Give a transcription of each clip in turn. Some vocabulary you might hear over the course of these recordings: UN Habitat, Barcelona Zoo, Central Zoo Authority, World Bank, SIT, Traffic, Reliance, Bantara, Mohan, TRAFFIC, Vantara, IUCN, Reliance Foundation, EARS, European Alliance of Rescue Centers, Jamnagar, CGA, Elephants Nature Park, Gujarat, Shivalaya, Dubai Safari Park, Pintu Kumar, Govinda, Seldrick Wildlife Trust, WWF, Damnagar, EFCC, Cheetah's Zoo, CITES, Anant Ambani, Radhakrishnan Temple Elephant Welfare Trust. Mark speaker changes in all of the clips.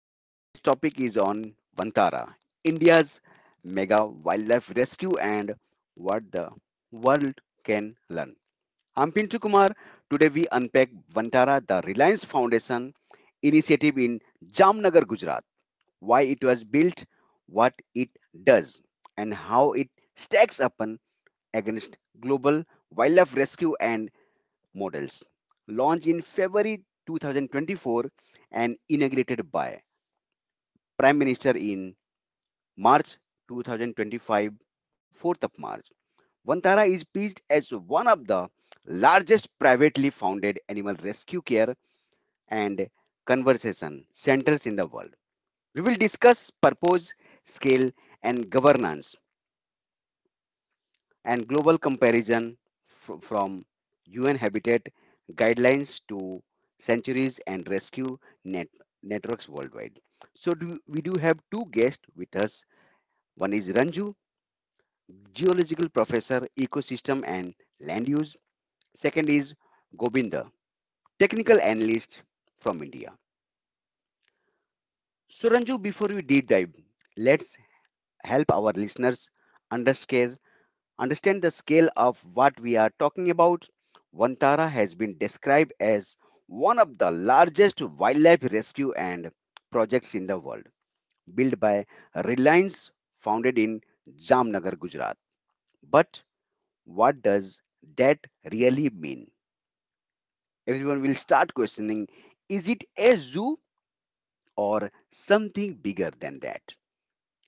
Speaker 1: and today's topic is on Vantara, India's mega wildlife rescue, and what the world can learn. I'm Pintu Kumar. Today we unpack Vantara, the Reliance Foundation initiative in Damnagar, Gujarat, why it was built, what it does, and how it stacks up against global wildlife rescue and models. Launched in February 2024 and inaugurated by Minister in March 2025, 4th of March. Vantara is pitched as one of the largest privately founded animal rescue care and conservation centers in the world. We will discuss purpose, scale, and governance, and global comparison from UN Habitat guidelines to sanctuaries and rescue net- networks worldwide. We do have two guests with us. One is Ranju, geological professor, ecosystem and land use. Second is Govinda, technical analyst from India. So, Ranju, before we deep dive, let's help our listeners underscale, understand the scale of what we are talking about. Vantara has been described as one of the largest wildlife rescue and projects in the world, built by Reliance, founded in Jamnagar, Gujarat. But what does that really mean? Everyone will start questioning, is it a zoo or something bigger than that?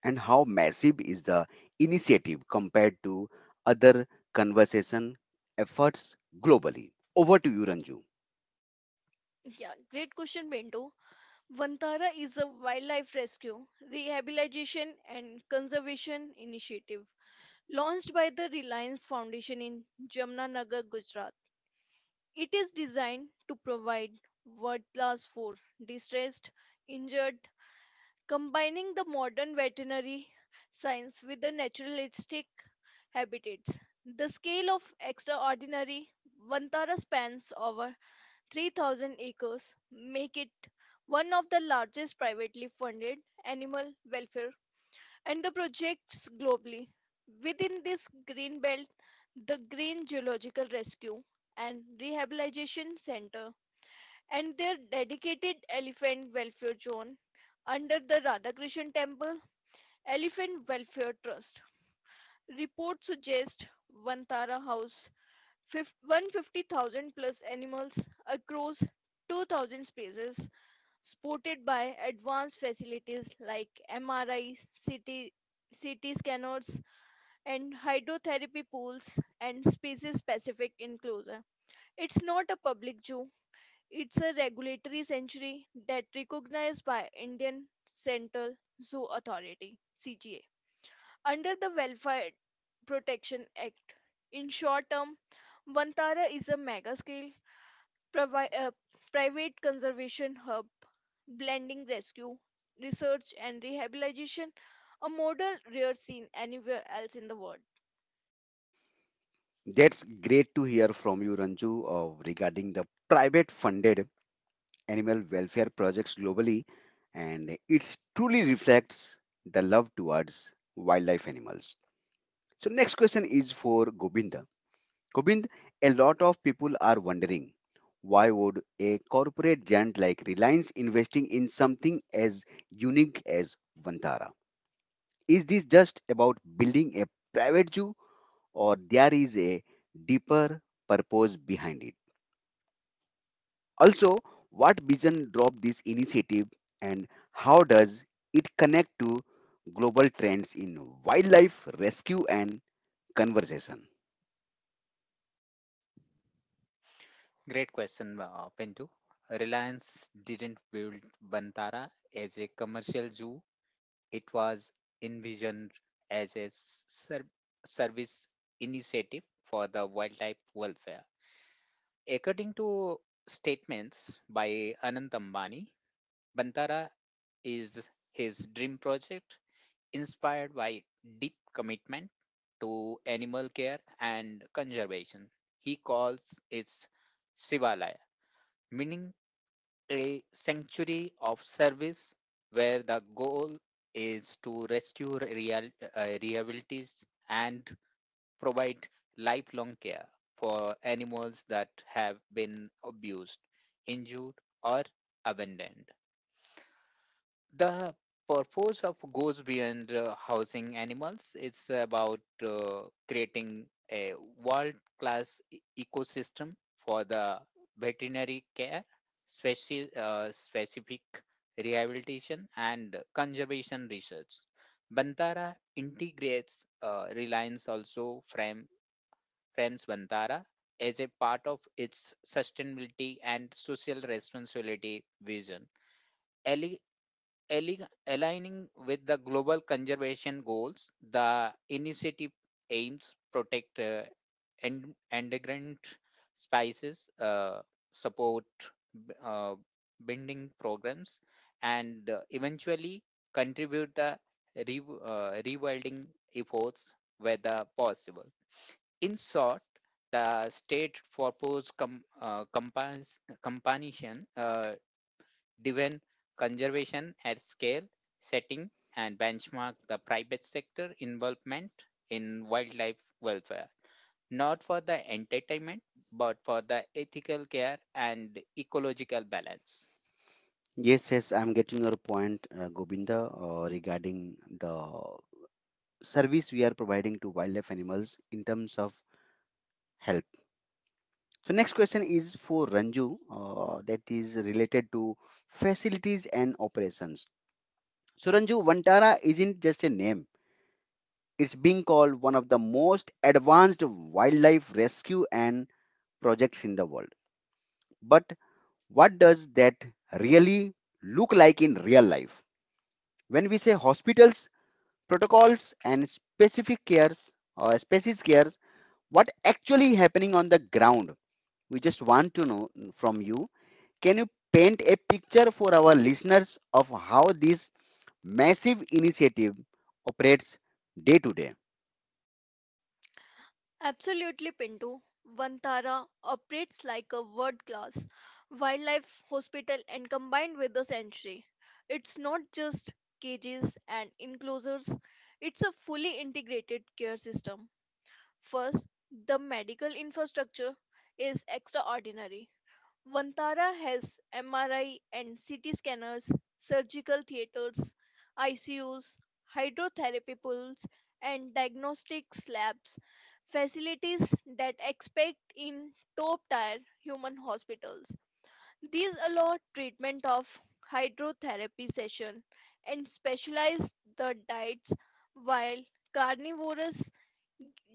Speaker 1: And how massive is the initiative compared to other conservation efforts globally? Over to you, Ranju.
Speaker 2: Yeah, great question, Bento. Vantara is a wildlife rescue, rehabilitation, and conservation initiative launched by the Reliance Foundation in Jamnagar, Gujarat. It is designed to provide world class for distressed, injured, combining the modern veterinary science with the naturalistic habitats. The scale of extraordinary Vantara spans over 3,000 acres make it one of the largest privately funded animal welfare and the projects globally. Within this green belt, the Green Geological Rescue and Rehabilitation Center and their dedicated elephant welfare zone under the Radhakrishnan Temple Elephant Welfare Trust. Reports suggest Vantara House 150,000 plus animals across 2,000 species supported by advanced facilities like MRI, CT, scanners, and hydrotherapy pools and species specific enclosure. It's not a public zoo, it's a regulatory sanctuary that recognized by Indian Central Zoo Authority CGA under the Welfare Protection Act. In short term, Vantara is a mega scale provi- uh, private conservation hub, blending rescue, research, and rehabilitation, a model rare seen anywhere else in the world.
Speaker 1: That's great to hear from you, Ranju, regarding the private funded animal welfare projects globally. And it truly reflects the love towards wildlife animals. So, next question is for Govinda. Gobind, a lot of people are wondering, why would a corporate giant like Reliance investing in something as unique as Vantara? Is this just about building a private zoo or there is a deeper purpose behind it? Also, what vision drove this initiative and how does it connect to global trends in wildlife rescue and conservation?
Speaker 3: Great question, Pintu. Reliance didn't build Bantara as a commercial zoo. It was envisioned as a service initiative for the wildlife welfare. According to statements by Anant Ambani, Bantara is his dream project inspired by deep commitment to animal care and conservation. He calls it Shivalaya, meaning a sanctuary of service where the goal is to rescue realities and provide lifelong care for animals that have been abused, injured, or abandoned. The purpose of goes beyond housing animals. It's about creating a world-class ecosystem for the veterinary care, specific rehabilitation, and conservation research. Bantara integrates Reliance also frames Bantara as a part of its sustainability and social responsibility vision aligning with the global conservation goals. The initiative aims protect endangered species, support b- uh, binding programs, and eventually contribute the rewilding efforts whether possible. In short, the state for post companion driven conservation at scale, setting and benchmark the private sector involvement in wildlife welfare, not for the entertainment, but for the ethical care and ecological balance.
Speaker 1: Yes, yes, I'm getting your point, Govinda, regarding the service we are providing to wildlife animals in terms of help. So, next question is for Ranju, that is related to facilities and operations. So, Ranju, Vantara isn't just a name, it's being called one of the most advanced wildlife rescue and projects in the world. But what does that really look like in real life? When we say hospitals, protocols and specific cares or specific cares actually happening on the ground. Just want to know from you, can you paint a picture for our listeners of how this massive initiative operates day to day?
Speaker 2: Absolutely, Pinto. Vantara operates like a world class wildlife hospital and combined with the sanctuary. It's not just cages and enclosures, it's a fully integrated care system. First, the medical infrastructure is extraordinary. Vantara has MRI and CT scanners, surgical theaters, ICUs, hydrotherapy pools, and diagnostics labs, facilities that expect in top tier human hospitals. These allow treatment of hydrotherapy session and specialized the diets while carnivorous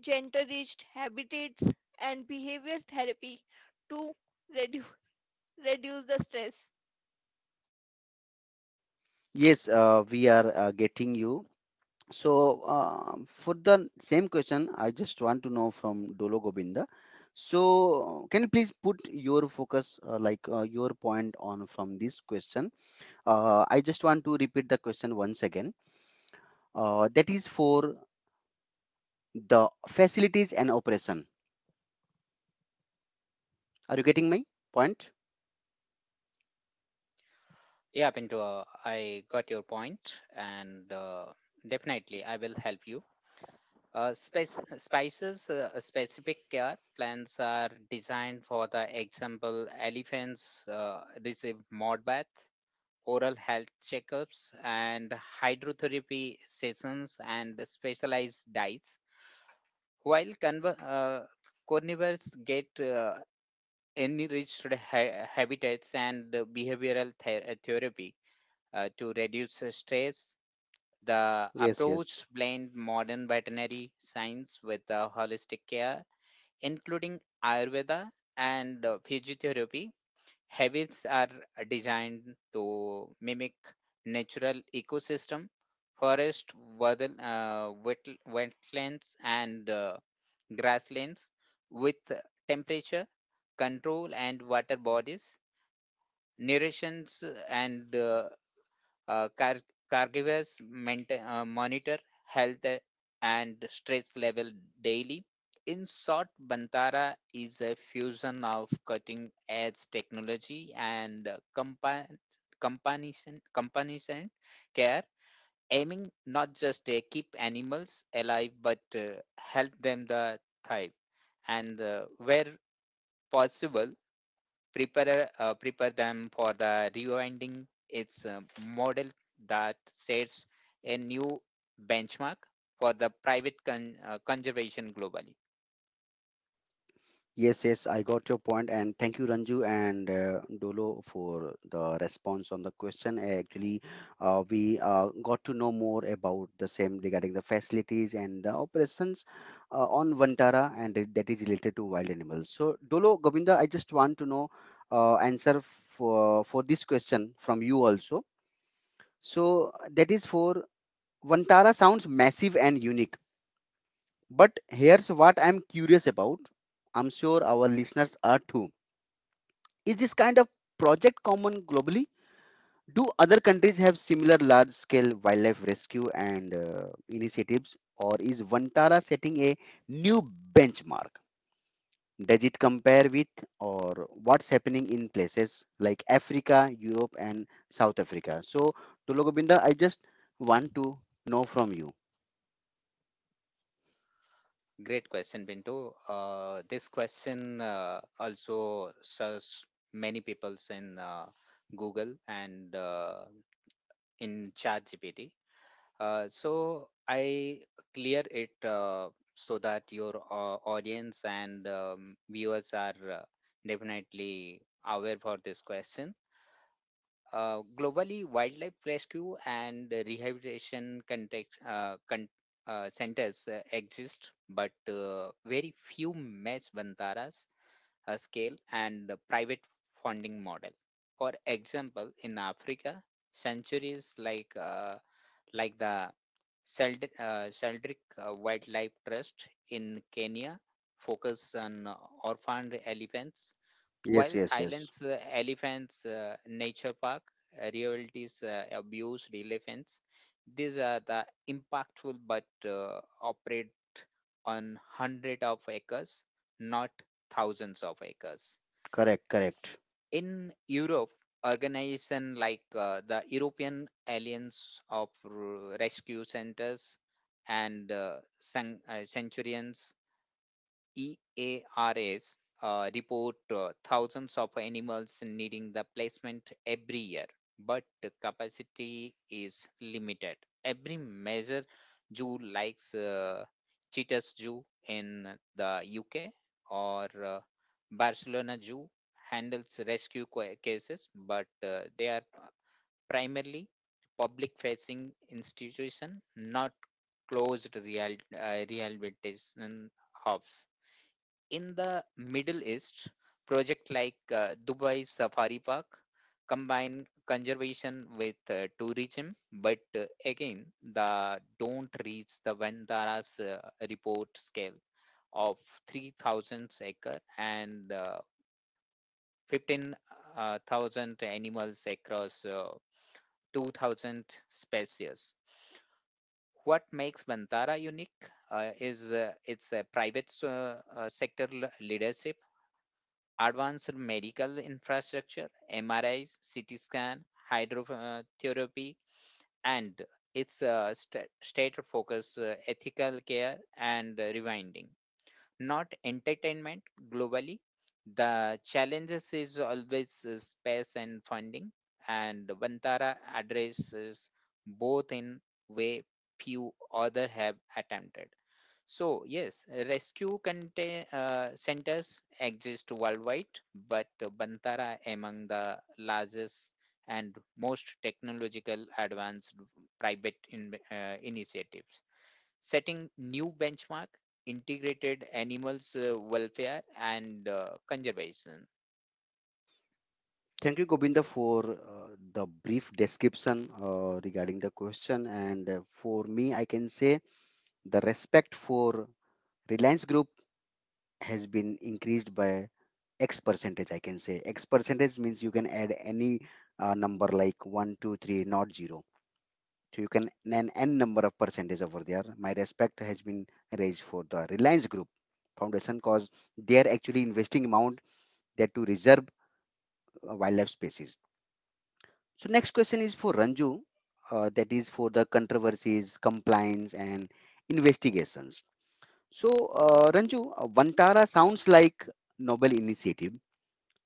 Speaker 2: gender-rich habitats and behavior therapy to reduce reduce the stress.
Speaker 1: Yes, we are getting you. So for the same question, I just want to know from Dolo Gobinda. So can you please put your focus, your point on from this question? I just want to repeat the question once again. That is for the facilities and operation. Are you getting my point?
Speaker 3: Yeah, Pinto, I got your point, and definitely I will help you. Specific care plans are designed for the example, elephants receive mud bath oral health checkups, and hydrotherapy sessions and specialized diets. While carnivores get enriched habitats and behavioral therapy to reduce stress. The
Speaker 1: Yes, yes.
Speaker 3: approach blends modern veterinary science with holistic care, including Ayurveda and physiotherapy. Habits are designed to mimic natural ecosystem, forest, wetlands, and grasslands with temperature control and water bodies, nourishes and uh, car- caregivers monitor health and stress level daily. In short, Bantara is a fusion of cutting edge technology and compan- companionship care, aiming not just to keep animals alive but help them the thrive and where possible prepare them for the rewinding. It's a model that sets a new benchmark for the private conservation globally.
Speaker 1: Yes, yes, I got your point, and thank you, Ranju and Dolo, for the response on the question. Actually, we got to know more about the same regarding the facilities and the operations on Vantara, and that is related to wild animals. So, Dolo, Govinda, I just want to know answer for this question from you also. So that is for Vantara sounds massive and unique, but here's what I'm curious about. I'm sure our listeners are too. Is this kind of project common globally? Do other countries have similar large scale wildlife rescue and initiatives, or is Vantara setting a new benchmark? Does it compare with or what's happening in places like Africa, Europe, and South Africa? So, Tulogobinda, I just want to know from you.
Speaker 3: Great question, Binto. This question also serves many peoples in Google and in ChatGPT. So I clear it so that your audience and viewers are definitely aware for this question. Globally, wildlife rescue and rehabilitation centers exist, but very few match Bantaras scale and the private funding model. For example, in Africa, sanctuaries like the Seldrick Wildlife Trust in Kenya focus on orphaned elephants, while
Speaker 1: Yes, yes, yes.
Speaker 3: Thailand's Elephants Nature Park rehabilitates abused elephants. These are the impactful but operate on hundred of acres, not thousands of acres
Speaker 1: Correct, correct.
Speaker 3: in Europe, organization like the European Alliance of Rescue Centers and Centurions, EARS, report thousands of animals needing the placement every year, but the capacity is limited. Every measure zoo likes Cheetah's Zoo in the UK or Barcelona Zoo handles rescue cases, but they are primarily public facing institution, not closed rehabilitation hubs. In the Middle East, project like Dubai Safari Park combine conservation with tourism, but again, the don't reach the Vandara's report scale of 3,000 acre and 15,000 animals across 2,000 species. What makes Bantara unique is its sector leadership, advanced medical infrastructure, MRIs, CT scan, hydrotherapy, and its state focus ethical care and rewinding not entertainment globally. The challenges is always space and funding, and Vantara addresses both in way few other have attempted. So yes, centers exist worldwide, but Bantara among the largest and most technological advanced private initiatives setting new benchmark integrated animals welfare and conservation.
Speaker 1: Thank you, Gobinda, for the brief description regarding the question. And for me, I can say the respect for Reliance Group has been increased by X percentage, I can say. X percentage means you can add any number like one, 2, 3, not 0. So you can an n number of percentage over there. My respect has been raised for the Reliance Group Foundation because they are actually investing amount that to reserve wildlife species. So next question is for Ranju, that is for the controversies, compliance, and investigations. So, Ranju, Vantara sounds like noble initiative,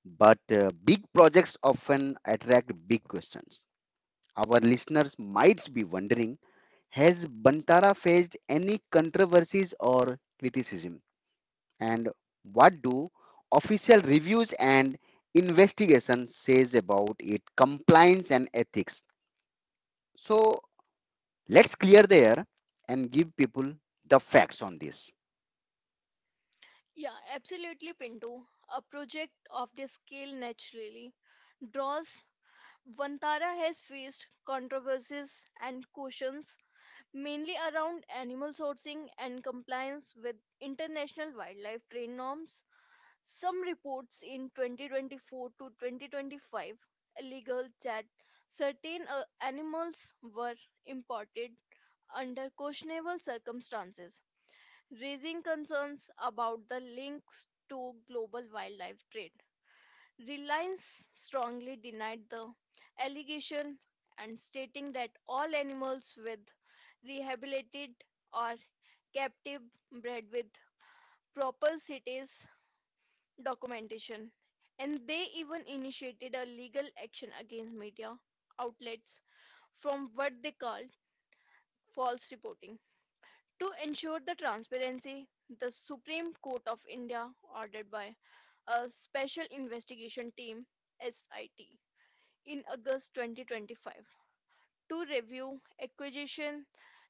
Speaker 1: but big projects often attract big questions. Our listeners might be wondering, has Vantara faced any controversies or criticism? And what do official reviews and investigation says about it compliance and ethics? So, let's clear the air and give people the facts on this.
Speaker 2: Yeah, absolutely, Pinto. A project of this scale naturally draws. Vantara has faced controversies and cautions mainly around animal sourcing and compliance with international wildlife trade norms. Some reports in 2024 to 2025 illegal that certain animals were imported under questionable circumstances raising concerns about the links to global wildlife trade. Reliance strongly denied the allegation and stating that all animals with rehabilitated or captive bred with proper cities documentation and they even initiated a legal action against media outlets from what they called false reporting. To ensure the transparency, the Supreme Court of India, ordered by a Special Investigation Team SIT in August 2025 to review acquisition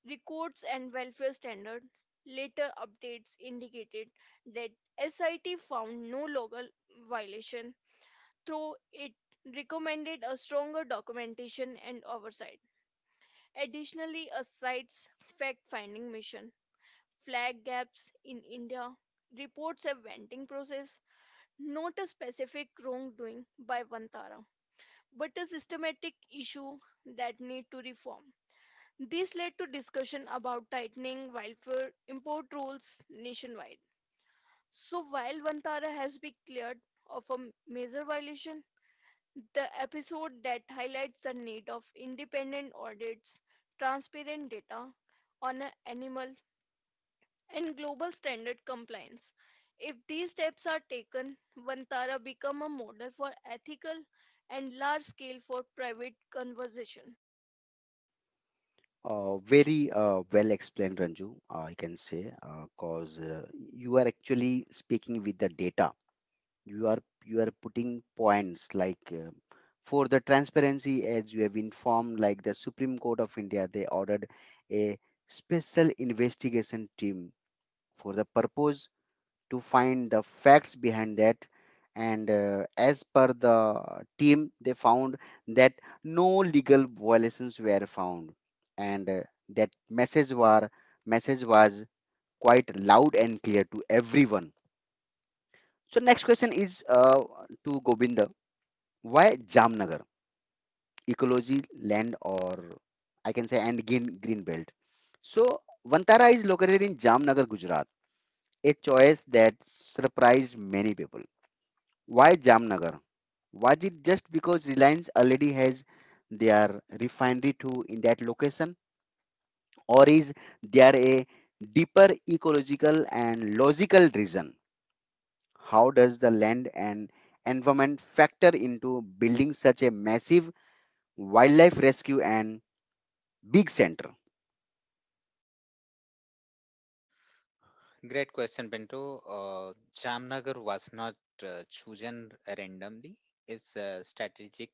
Speaker 2: records and welfare standard. Later updates indicated that SIT found no local violation, though it recommended a stronger documentation and oversight. Additionally, a site's fact-finding mission flagged gaps in India, reports a vetting process not a specific wrongdoing by Vantara, but a systematic issue that need to reform. This led to discussion about tightening wildfire import rules nationwide. So while Vantara has been cleared of a major violation, the episode that highlights the need of independent audits, transparent data on a animal and global standard compliance. If these steps are taken, Vantara become a model for ethical and large scale for private conservation.
Speaker 1: Very well explained, Ranju, I can say, because you are actually speaking with the data. You are you are putting points like for the transparency, as you have informed, like the Supreme Court of India, they ordered a special investigation team for the purpose to find the facts behind that. And as per the team, they found that no legal violations were found, and that message were message was quite loud and clear to everyone. So next question is to Govinda. Why Jamnagar? Ecology, land, or I can say and green belt. So Vantara is located in Jamnagar, Gujarat, a choice that surprised many people. Why Jamnagar? Was it just because Reliance already has their refinery too in that location, or is there a deeper ecological and logical reason? How does the land and environment factor into building such a massive wildlife rescue and big center?
Speaker 3: Great question, Pinto. Jamnagar was not chosen randomly. It's a strategic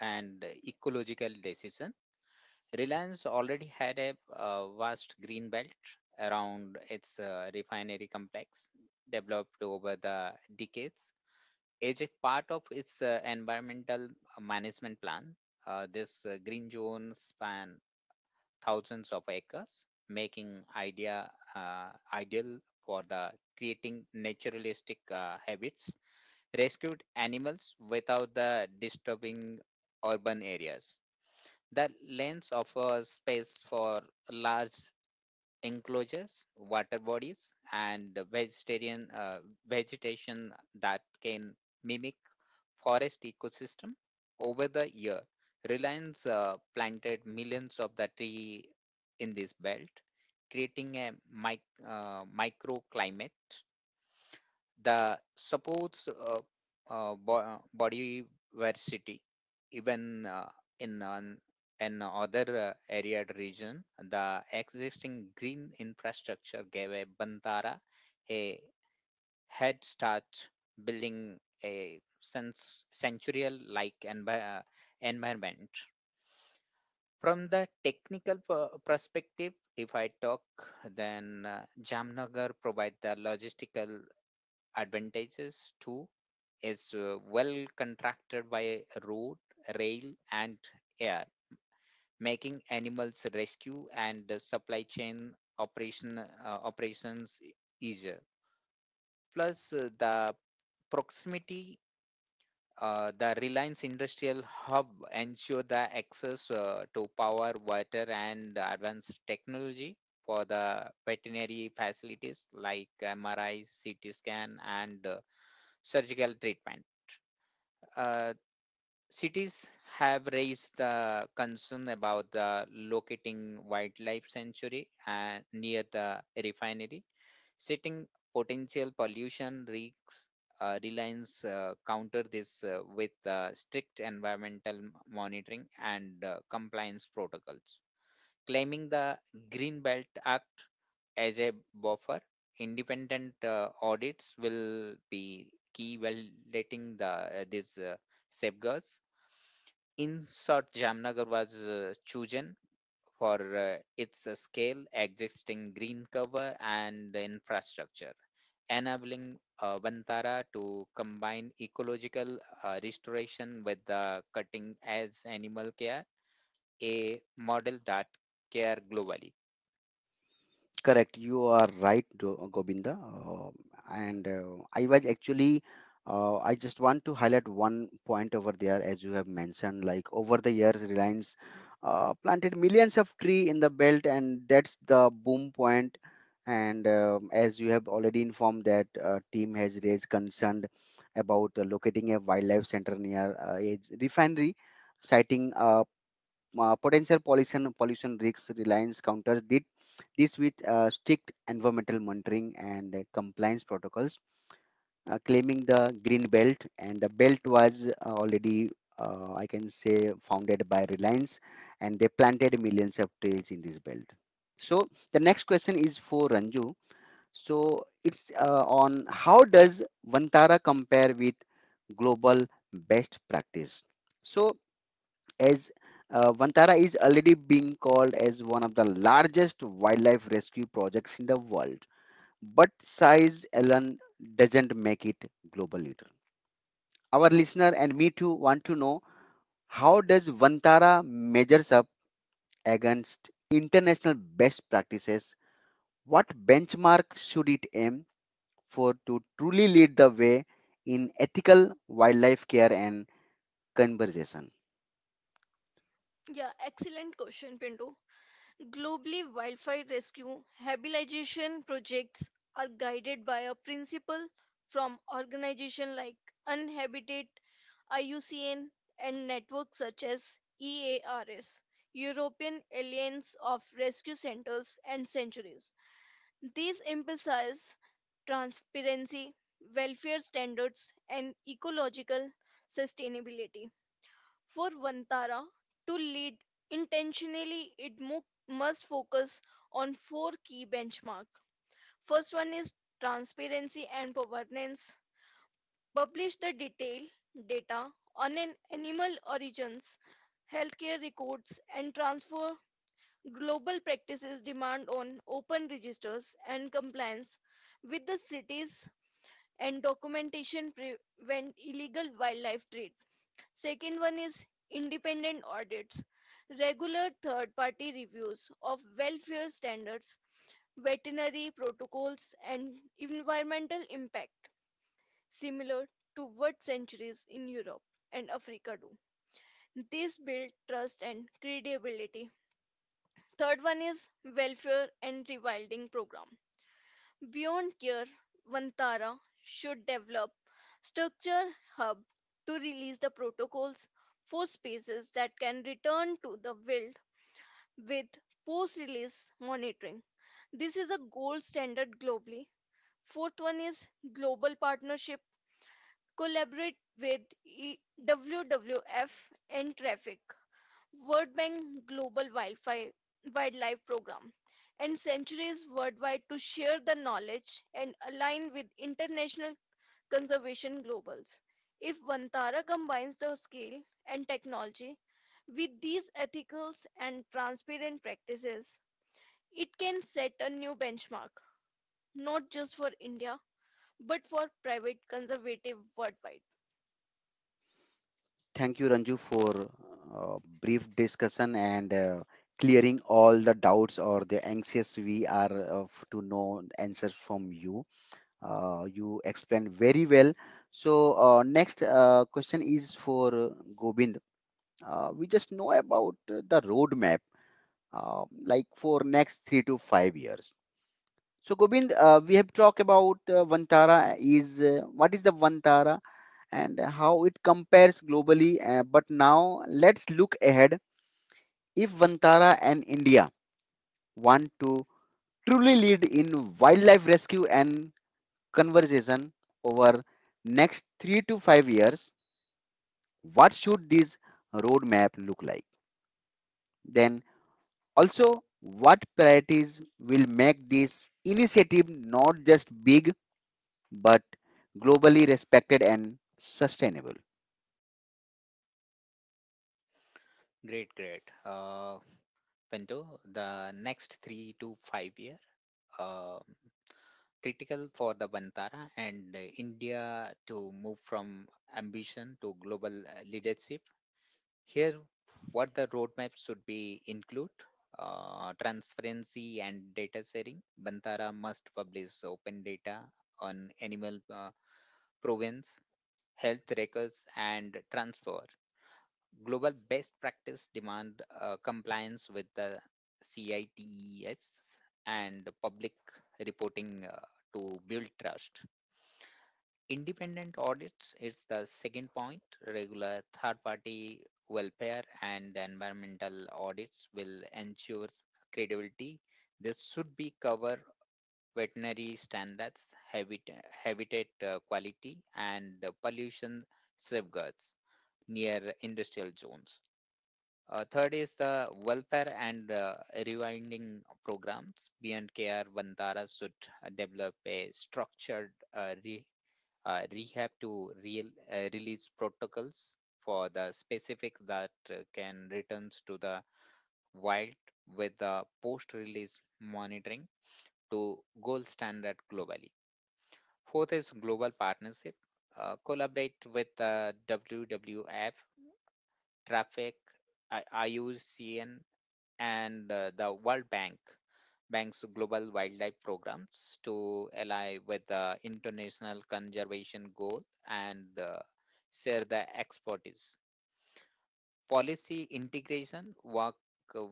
Speaker 3: and ecological decision. Reliance already had a, vast green belt around its refinery complex, developed over the decades. As a part of its environmental management plan. This green zone span thousands of acres, making idea ideal for the creating naturalistic habits, rescued animals without the disturbing urban areas. The lands offer space for large enclosures, water bodies, and vegetarian vegetation that can mix forest ecosystem over the year. Reliance planted millions of the tree in this belt, creating a microclimate that supports body diversity. Even in an, an other area region, the existing green infrastructure gave a Bantara a head start building a sense sensorial like environment from the technical perspective if I talk then Jamnagar provide the logistical advantages too is well contracted by road, rail, and air, making animals rescue and supply chain operations easier. Plus the proximity. The Reliance Industrial Hub ensure the access to power, water, and advanced technology for the veterinary facilities like MRI, CT scan, and surgical treatment. Uh, Cities have raised the concern about the locating wildlife sanctuary near the refinery sitting potential pollution risks. Reliance counter this with strict environmental monitoring and compliance protocols. Claiming the Green Belt Act as a buffer, independent audits will be key validating the these safeguards. In short, Jamnagar was chosen for its scale, existing green cover, and infrastructure, enabling Vantara to combine ecological restoration with the cutting edge animal care, a model that care globally.
Speaker 1: Correct. You are right, Govinda. And I was actually, I just want to highlight one point over there, as you have mentioned. Like over the years, Reliance planted millions of tree in the belt, and that's the boom point. And as you have already informed, that team has raised concern about locating a wildlife center near a refinery, citing potential pollution risks reliance counters did this with strict environmental monitoring and compliance protocols claiming the green belt and the belt was already I can say founded by reliance and they planted millions of trees in this belt so the next question is for ranju so it's on how does vantara compare with global best practice so as Vantara is already being called as one of the largest wildlife rescue projects in the world. But size alone doesn't make it global leader. Our listener and me too want to know how does Vantara measures up against international best practices? What benchmark should it aim for to truly lead the way in ethical wildlife care and conservation?
Speaker 2: Yeah, excellent question, Pinto. Globally, wildfire rescue habilitation projects are guided by a principle from organizations like Unhabitat, IUCN, and networks such as EARS, European Alliance of Rescue Centers and Sanctuaries. These emphasize transparency, welfare standards, and ecological sustainability. For Vantara to lead intentionally, it must focus on four key benchmarks. First one is transparency and governance. Publish the detailed data on an animal origins, healthcare records, and transfer global practices demand on open registers and compliance with the cities and documentation prevent illegal wildlife trade. Second one is independent audits, regular third party reviews of welfare standards, veterinary protocols and environmental impact similar to what centuries in Europe and Africa do. This build trust and credibility. Third one is welfare and rewilding program. Beyond care, Vantara should develop structure hub to release the protocols for spaces that can return to the wild with post-release monitoring. This is a gold standard globally. Fourth one is global partnership. Collaborate with WWF and traffic World Bank Global Wildfire, Wildlife Program, and centuries worldwide to share the knowledge and align with international conservation globals. If Vantara combines the scale and technology with these ethical and transparent practices, it can set a new benchmark, not just for India, but for private conservative worldwide.
Speaker 1: Thank you, Ranju, for brief discussion and clearing all the doubts or the anxious we are of to know answers from you. You explained very well. So next question is for Gobind. We just know about the roadmap, like for next 3 to 5 years. So Gobind, we have talked about Vantara. Is what is the Vantara? And how it compares globally. But now let's look ahead. If Vantara and India want to truly lead in wildlife rescue and conservation over next 3 to 5 years, what should this roadmap look like? Then also, what priorities will make this initiative not just big but globally respected and sustainable?
Speaker 3: Great. Window, the next 3 to 5 year, um, critical for the Bantara and India to move from ambition to global leadership. Here, what the roadmap should be include transparency and data sharing. Bantara must publish open data on animal province, health records, and transfer global best practice demand compliance with the CITES and public reporting to build trust. Independent audits is the second point. Regular third party welfare and environmental audits will ensure credibility. This should be cover veterinary standards, habitat quality, and pollution safeguards near industrial zones. Third is the welfare and rewinding programs. B and K R Bandara should develop a structured uh, re, rehab to release protocols for the specific that can returns to the wild with the post-release monitoring to gold standard globally. Fourth is global partnership. Collaborate with the WWF, Traffic, IUCN, and the World Bank's global wildlife programs to ally with the international conservation goal and share the expertise. Policy integration work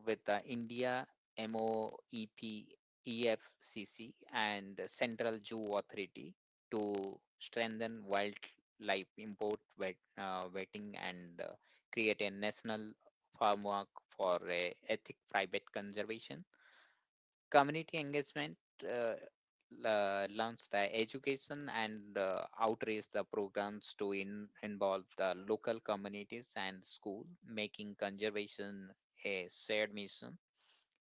Speaker 3: with the India MOEP EFCC and Central Zoo Authority to strengthen wildlife import vetting and create a national framework for ethic private conservation. Community engagement, uh, launched the education and outreach the programs to involve the local communities and school, making conservation a shared mission.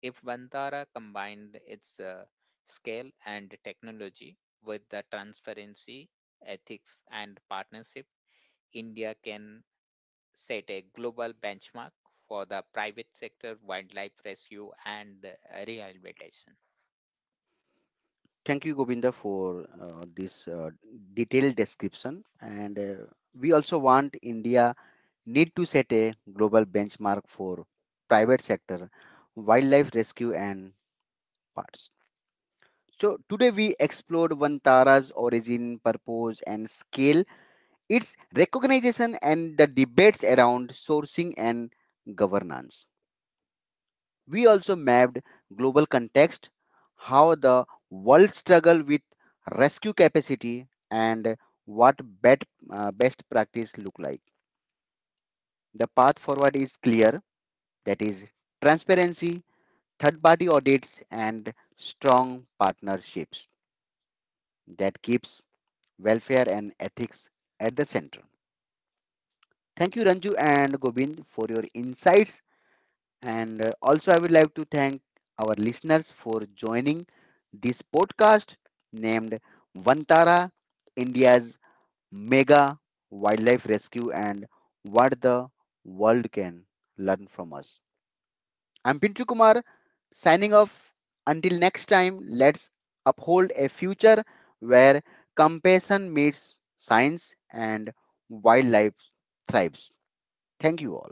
Speaker 3: If Vantara combined its scale and technology with the transparency, ethics, and partnership, India can set a global benchmark for the private sector wildlife rescue and rehabilitation.
Speaker 1: Thank you, Govinda, for this detailed description. And we also want India need to set a global benchmark for private sector, wildlife rescue, and parts. So today we explored Vantara's origin, purpose, and scale, its recognition, and the debates around sourcing and governance. We also mapped global context, how the world struggle with rescue capacity and what bet, best practice look like. The path forward is clear, that is transparency, third party audits and strong partnerships that keeps welfare and ethics at the center. Thank you Ranju and Gobind for your insights. And also, I would like to thank our listeners for joining this podcast named Vantara, India's Mega Wildlife Rescue and What the World Can Learn from Us. I'm Pintu Kumar signing off. Until next time, let's uphold a future where compassion meets science and wildlife thrives. Thank you all.